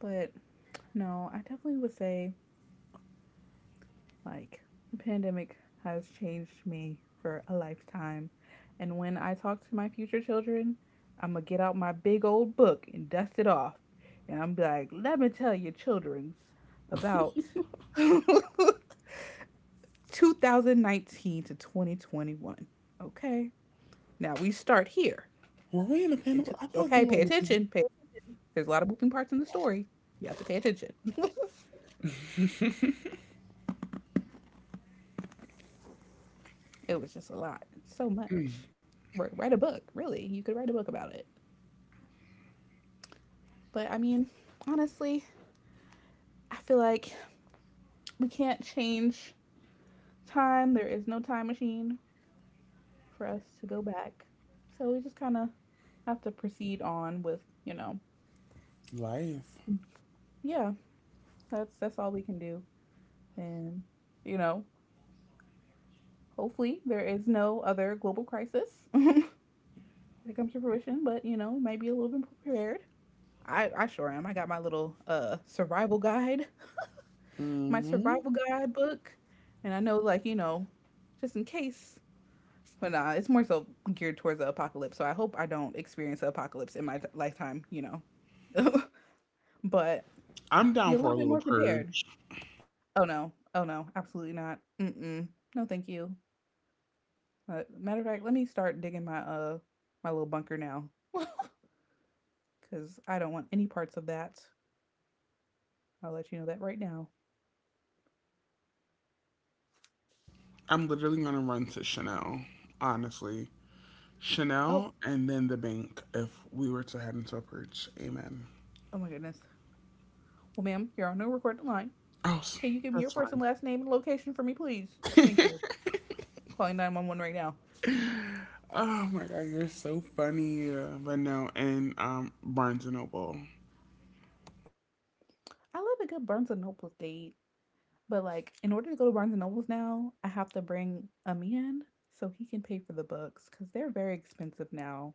But no, I definitely would say like, the pandemic has changed me for a lifetime. And when I talk to my future children, I'm going to get out my big old book and dust it off. And I'm like, let me tell you, children's about twenty nineteen to twenty twenty-one. Okay. Now we start here.
Were we in a
And
pandemic?
to,
I feel like
okay,
we were
pay
in a pandemic.
attention. Pay attention. There's a lot of moving parts in the story. You have to pay attention. It was just a lot. So much. Wri- Write a book, really. You could write a book about it. But I mean, honestly, I feel like we can't change time. There is no time machine for us to go back. So we just kind of have to proceed on with, you know,
Life.
yeah, that's that's all we can do. And you know, hopefully there is no other global crisis that comes to fruition, but you know, we might be a little bit prepared. I, I sure am. I got my little uh survival guide, my
hmm
survival guide book, and I know like, you know, just in case but nah, it's more so geared towards the apocalypse. So I hope I don't experience the apocalypse in my t- lifetime, you know. But
I'm
be
down
a
for a
little bit
little
more prepared.
purge.
Oh no. Oh no. Absolutely not. Mm-mm. No, thank you. Uh, matter of fact, let me start digging my uh my little bunker now. Cuz I don't want any parts of that. I'll let you know that right now.
I'm literally gonna run to Chanel, honestly.
Oh,
Chanel and then the bank if we were to head into a purge. Amen.
oh my goodness. Well, ma'am, you're on no recorded line.
Oh, s-
Can you give me your
that's
first and
fine.
last name and location for me, please? Thank you. Calling nine one one right now.
Oh my god, you're so funny. Uh, but no, and um, Barnes and Noble.
I love a good Barnes and Noble date. But like, in order to go to Barnes and Nobles now, I have to bring Ami in so he can pay for the books because they're very expensive now.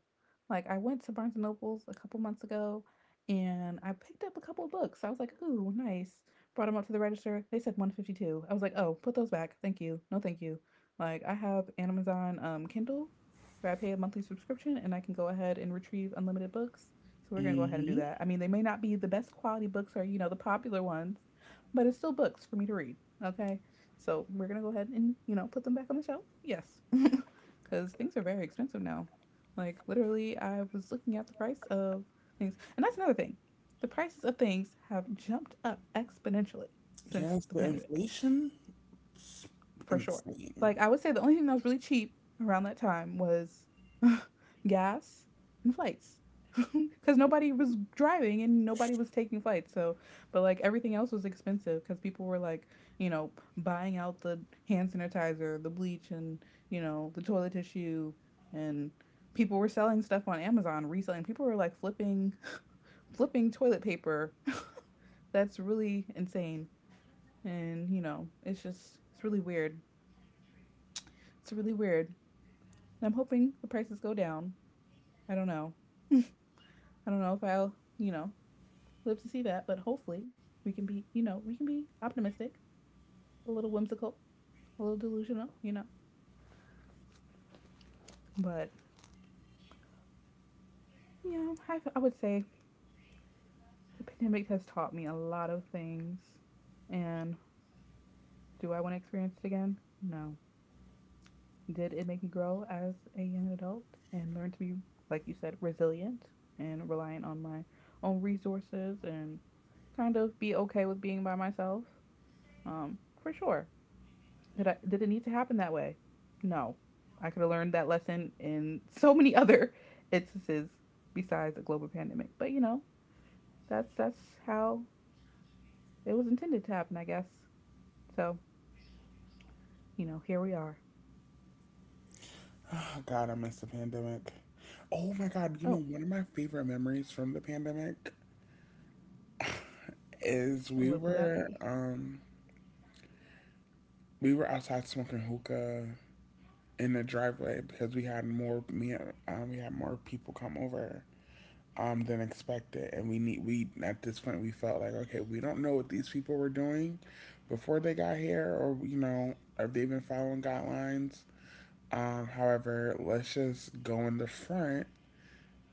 Like, I went to Barnes and Nobles a couple months ago and I picked up a couple of books. I was like, ooh, nice. Brought them up to the register. They said one fifty-two. I was like, oh, put those back. Thank you. No, thank you. Like, I have Amazon um, Kindle where I pay a monthly subscription and I can go ahead and retrieve unlimited books. So we're going to go ahead and do
hmm
that. I mean, they may not be the best quality books or, you know, the popular ones, but it's still books for me to read. Okay. So we're gonna go ahead and you know put them back on the shelf. Yes, because things are very expensive now. Like literally, I was looking at the price of things, and that's another thing. The prices of things have jumped up exponentially since
Yes,
the
the
pandemic
inflation
for sure.
insane.
Like I would say the only thing that was really cheap around that time was gas and flights. Cuz nobody was driving and nobody was taking flights. So, but like everything else was expensive cuz people were like, you know, buying out the hand sanitizer, the bleach and, you know, the toilet tissue and people were selling stuff on Amazon, reselling. People were like flipping flipping toilet paper. That's really insane. And, you know, it's just it's really weird it's really weird. And I'm hoping the prices go down. I don't know. I don't know if I'll, you know, live to see that, but hopefully we can be, you know, we can be optimistic, a little whimsical, a little delusional, you know. But yeah, I, I would say the pandemic has taught me a lot of things. And do I want to experience it again? No. Did it make me grow as a young adult and learn to be, like you said, resilient and reliant on my own resources and kind of be okay with being by myself? Um, for sure. Did I did it need to happen that way? No. I could have learned that lesson in so many other instances besides a global pandemic. But you know, that's that's how it was intended to happen, I guess. So, you know, here we are.
Oh god, I miss the pandemic. Oh my god, you know
Oh,
one of my favorite memories from the pandemic is we
what will that
were
be?
um we were outside smoking hookah in the driveway because we had more me um, we had more people come over um, than expected, and we need we at this point we felt like okay we don't know what these people were doing before they got here or you know if they've been following guidelines. Um, however, let's just go in the front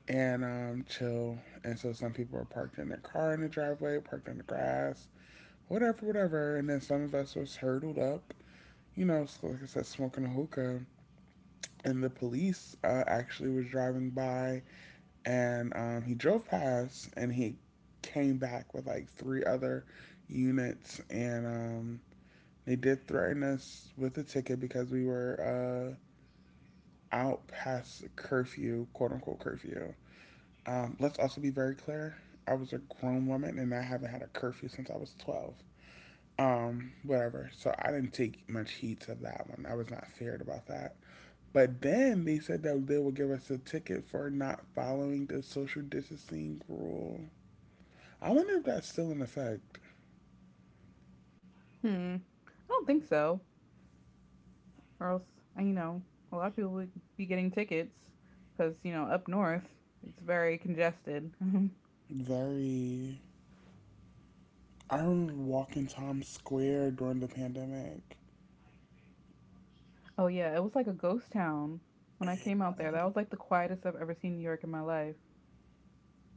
and um, chill. And so some people were parked in their car in the driveway, parked on the grass, whatever, whatever. And then some of us was hurdled up, you know, so like I said, smoking a hookah and the police uh, actually was driving by and um, he drove past and he came back with like three other units and um, they did threaten us with a ticket because we were uh, out past curfew quote unquote curfew um, let's also be very clear. I was a grown woman and I haven't had a curfew since I was twelve. um, whatever, so I didn't take much heed to that one. I was not feared about that. But then they said that they will give us a ticket for not following the social distancing rule. I wonder if that's still in effect.
Hmm. I don't think so, or else uh, you know a lot of people would be getting tickets because you know up north it's very congested.
Very. I remember walking Times Square during the pandemic.
Oh yeah, it was like a ghost town when I came out there. That was like the quietest I've ever seen New York in my life.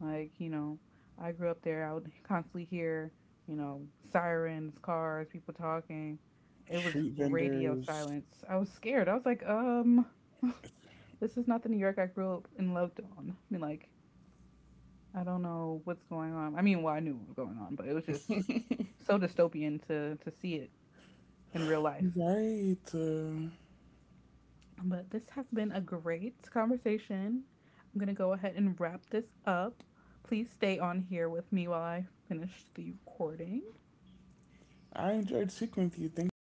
Like, you know, I grew up there. I would constantly hear, you know, sirens, cars, people talking. It was
Street
radio
vendors.
silence. I was scared. I was like, um,
It's
this is not the New York I grew up and loved on. I mean, like, I don't know what's going on. I mean, well, I knew what was going on, but it was just so dystopian to to see it in real life.
right. Uh,
But this has been a great conversation. I'm going to go ahead and wrap this up. Please stay on here with me while I finish the recording.
I enjoyed speaking with you. Thank you for having